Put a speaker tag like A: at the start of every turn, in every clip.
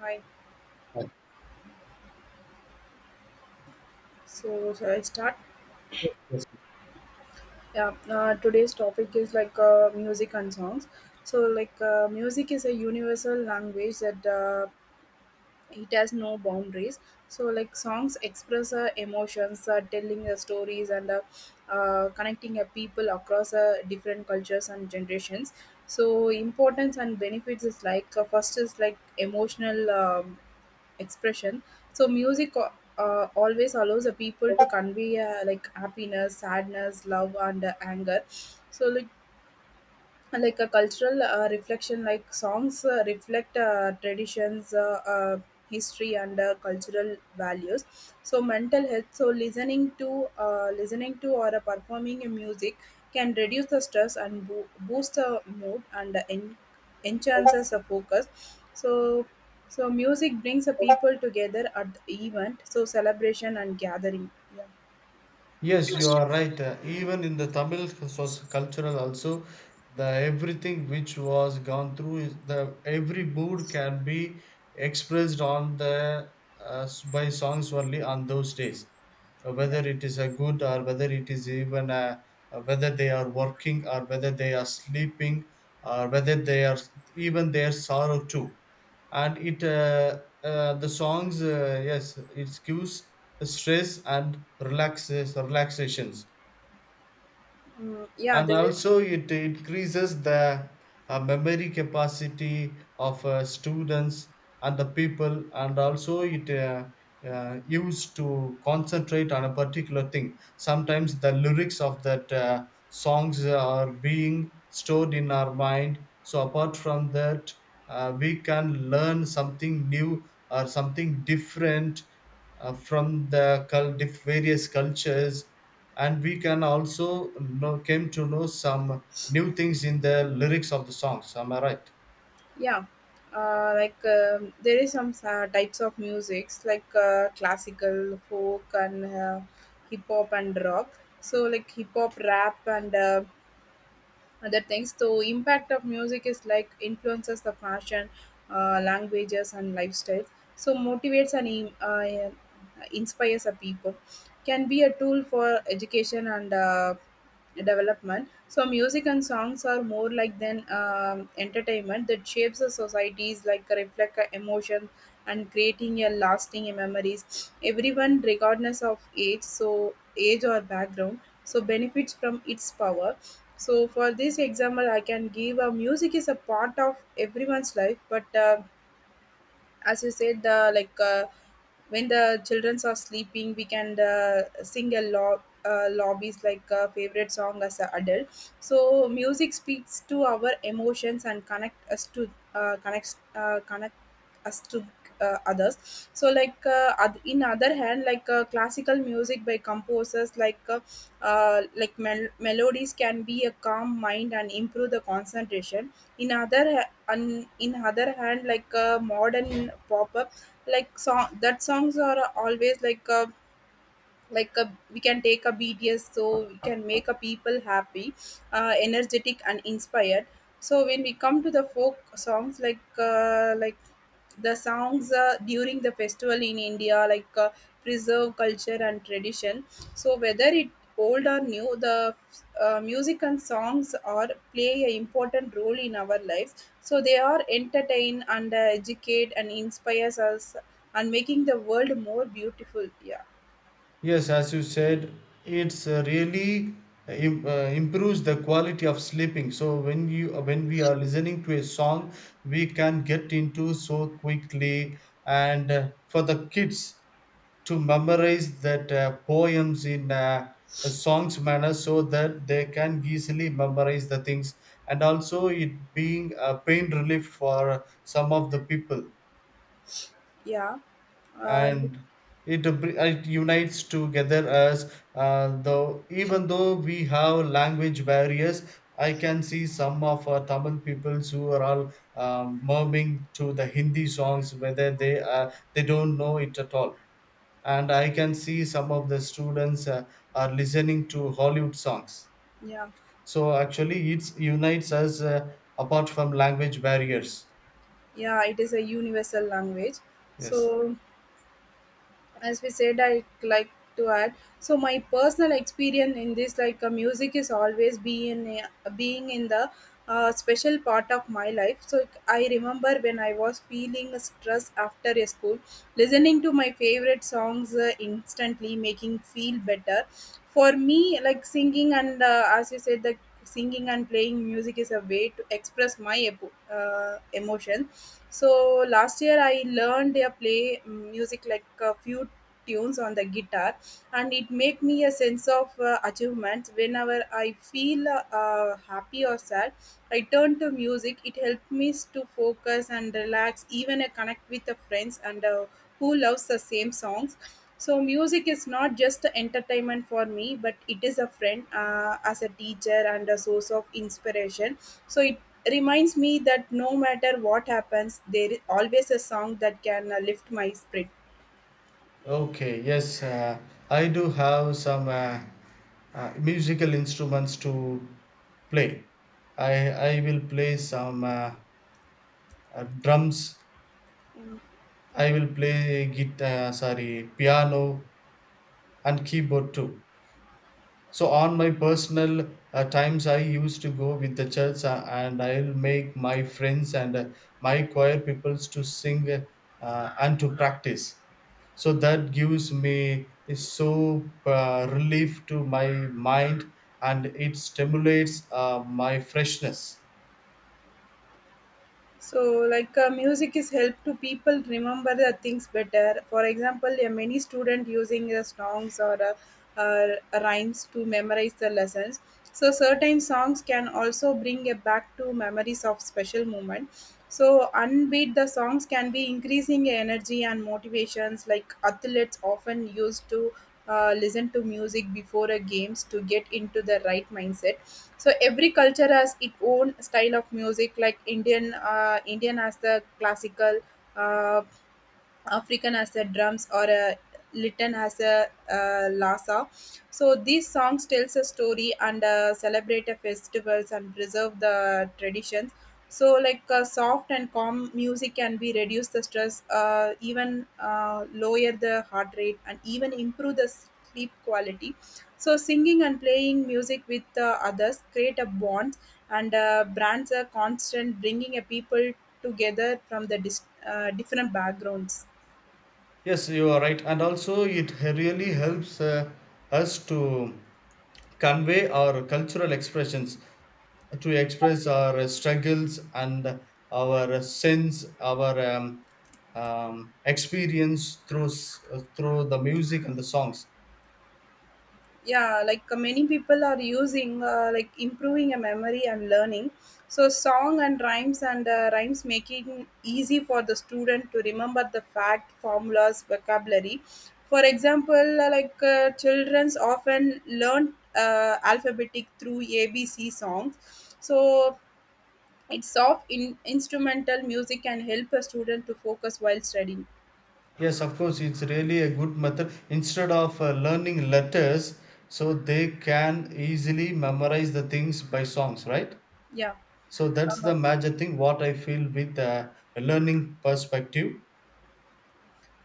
A: Hi.
B: Right.
A: So shall I start?
B: Yes, yes.
A: Yeah. Today's topic is music and songs. So music is a universal language that it has no boundaries. So like songs express emotions, telling stories, and connecting people across different cultures and generations. So importance and benefits is first is like emotional expression. So music always allows the people to convey like happiness, sadness, love, and anger. So like a cultural reflection, like songs reflect traditions, history, and cultural values. So mental health, so listening to or performing a music can reduce the stress and boost the mood and enhances the focus. So so music brings the people together at the event, so celebration and gathering. Yeah.
B: Yes, you are right. Even in the Tamil soc- cultural also, the everything which was gone through is the every mood can be expressed on the s- by songs only on those days. Whether it is a good or whether it is even a, whether they are working or whether they are sleeping or whether they are even their sorrow too. And it the songs, yes, it gives stress and relaxes relaxations.
A: Yeah,
B: And
A: there is.
B: also it increases the memory capacity of students and the people, and also it used to concentrate on a particular thing. Sometimes the lyrics of that songs are being stored in our mind, so apart from that we can learn something new or something different from the various cultures, and we can also know came to know some new things in the lyrics of the songs. Am I right?
A: Yeah. There is some types of musics like classical, folk, and hip hop and rock. So like hip hop, rap, and other things. So impact of music is like influences the fashion, languages and lifestyles. So motivates and inspires the people. Can be a tool for education and development. So music and songs are more like than entertainment that shapes the societies like reflect a emotion and creating a lasting memories. Everyone regardless of age, so age or background, so benefits from its power. So for this example, I can give music is a part of everyone's life. But as you said, the when the children are sleeping, we can sing a lot. Lobbies like favorite song as an adult. So music speaks to our emotions and connect us to others. So in other hand, classical music by composers like melodies can be a calm mind and improve the concentration. In other hand, modern pop up, like songs are always like a, we can take a bds, so we can make a people happy, energetic and inspired. So when we come to the folk songs, like the songs during the festival in India, preserve culture and tradition. So whether it old or new, the music and songs are play an important role in our lives. So they are entertain and educate and inspires us and making the world more beautiful. Yeah.
B: Yes, as you said, it's really uh, im- uh, improves the quality of sleeping. So when you when we are listening to a song, we can get into so quickly. And for the kids to memorize that poems in a song's manner, so that they can easily memorize the things. And also it being a pain relief for some of the people.
A: Yeah, uh,
B: And it unites together as though even though we have language barriers. I can see some of our Tamil peoples who are all murmuring to the Hindi songs, whether they don't know it at all. And I can see some of the students are listening to Hollywood songs.
A: yeah,
B: So actually it unites us, apart from language barriers.
A: yeah. It is a universal language.
B: Yes.
A: So as we said, I like to add. So my personal experience in this, music is always being in the special part of my life. So I remember when I was feeling stress after a school, listening to my favorite songs instantly making feel better. For me, like singing and as you said, the singing and playing music is a way to express emotions. So last year I learned a play music like a few tunes on the guitar, and it make me a sense of achievements. Whenever I feel happy or sad, I turn to music. It helped me to focus and relax, even I connect with the friends and who loves the same songs. So music is not just entertainment for me, but it is a friend, as a teacher and a source of inspiration. So it reminds me that no matter what happens, there is always a song that can lift my spirit.
B: Okay, yes, I do have some musical instruments to play. I i will play some drums. I will play guitar, sorry, piano, and keyboard too. So on my personal times, I used to go with the church, and I'll make my friends and my choir peoples to sing and to practice. So that gives me so relief to my mind, and it stimulates my freshness.
A: So, music is help to people remember the things better. For example, there many student using the songs or uh, rhymes to memorize the lessons. So, certain songs can also bring it back to memories of special moment. So, unbeat the songs can be increasing energy and motivations, like athletes often used to listen to music before a games to get into the right mindset. So every culture has its own style of music, like Indian has the classical, uh, African as a drums, or a Litton as a Lhasa. So these songs tells a story and celebrate a festivals and preserve the traditions. So soft and calm music can be reduce the stress, even lower the heart rate and even improve the sleep quality. So singing and playing music with others create a bond, and brands are constant bringing a people together from the different backgrounds.
B: Yes, you are right, and also it really helps us to convey our cultural expressions, to express our struggles and our sense, our experience through through the music and the songs.
A: Yeah, many people are using like improving a memory and learning. So song and rhymes making easy for the student to remember the fact, formulas, vocabulary. For example, children's often learn alphabetic through ABC songs. So it's soft in instrumental music can help a student to focus while studying.
B: Yes, of course, it's really a good method. Instead of learning letters, so they can easily memorize the things by songs, right?
A: Yeah.
B: So that's
A: Uh-huh.
B: the major thing. What I feel with a learning perspective.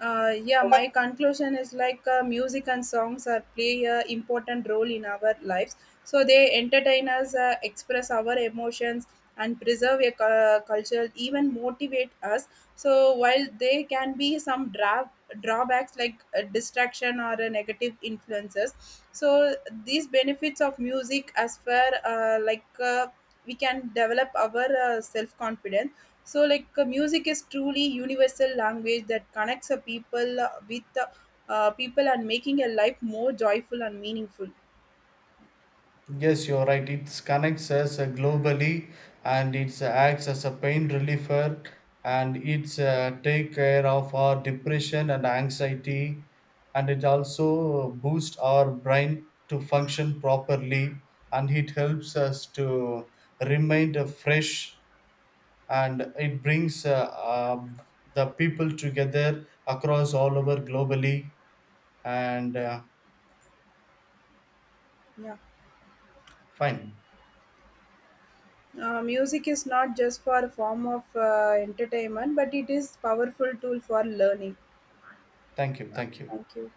A: Yeah, my conclusion is music and songs are play a important role in our lives. So they entertain us, express our emotions, and preserve a culture, even motivate us. So while they can be some drawbacks like distraction or negative influences, so these benefits of music as far we can develop our self confidence. So, like, music is truly universal language that connects a people with people and making a life more joyful and meaningful.
B: Yes, you're right. It connects us, globally, and it acts as a pain reliever, and it's take care of our depression and anxiety, and it also boosts our brain to function properly, and it helps us to remain fresh, and it brings the people together across all over globally. And
A: Yeah,
B: fine.
A: music is not just for a form of entertainment, but it is powerful tool for learning.
B: Thank you. Thank you.
A: Thank you.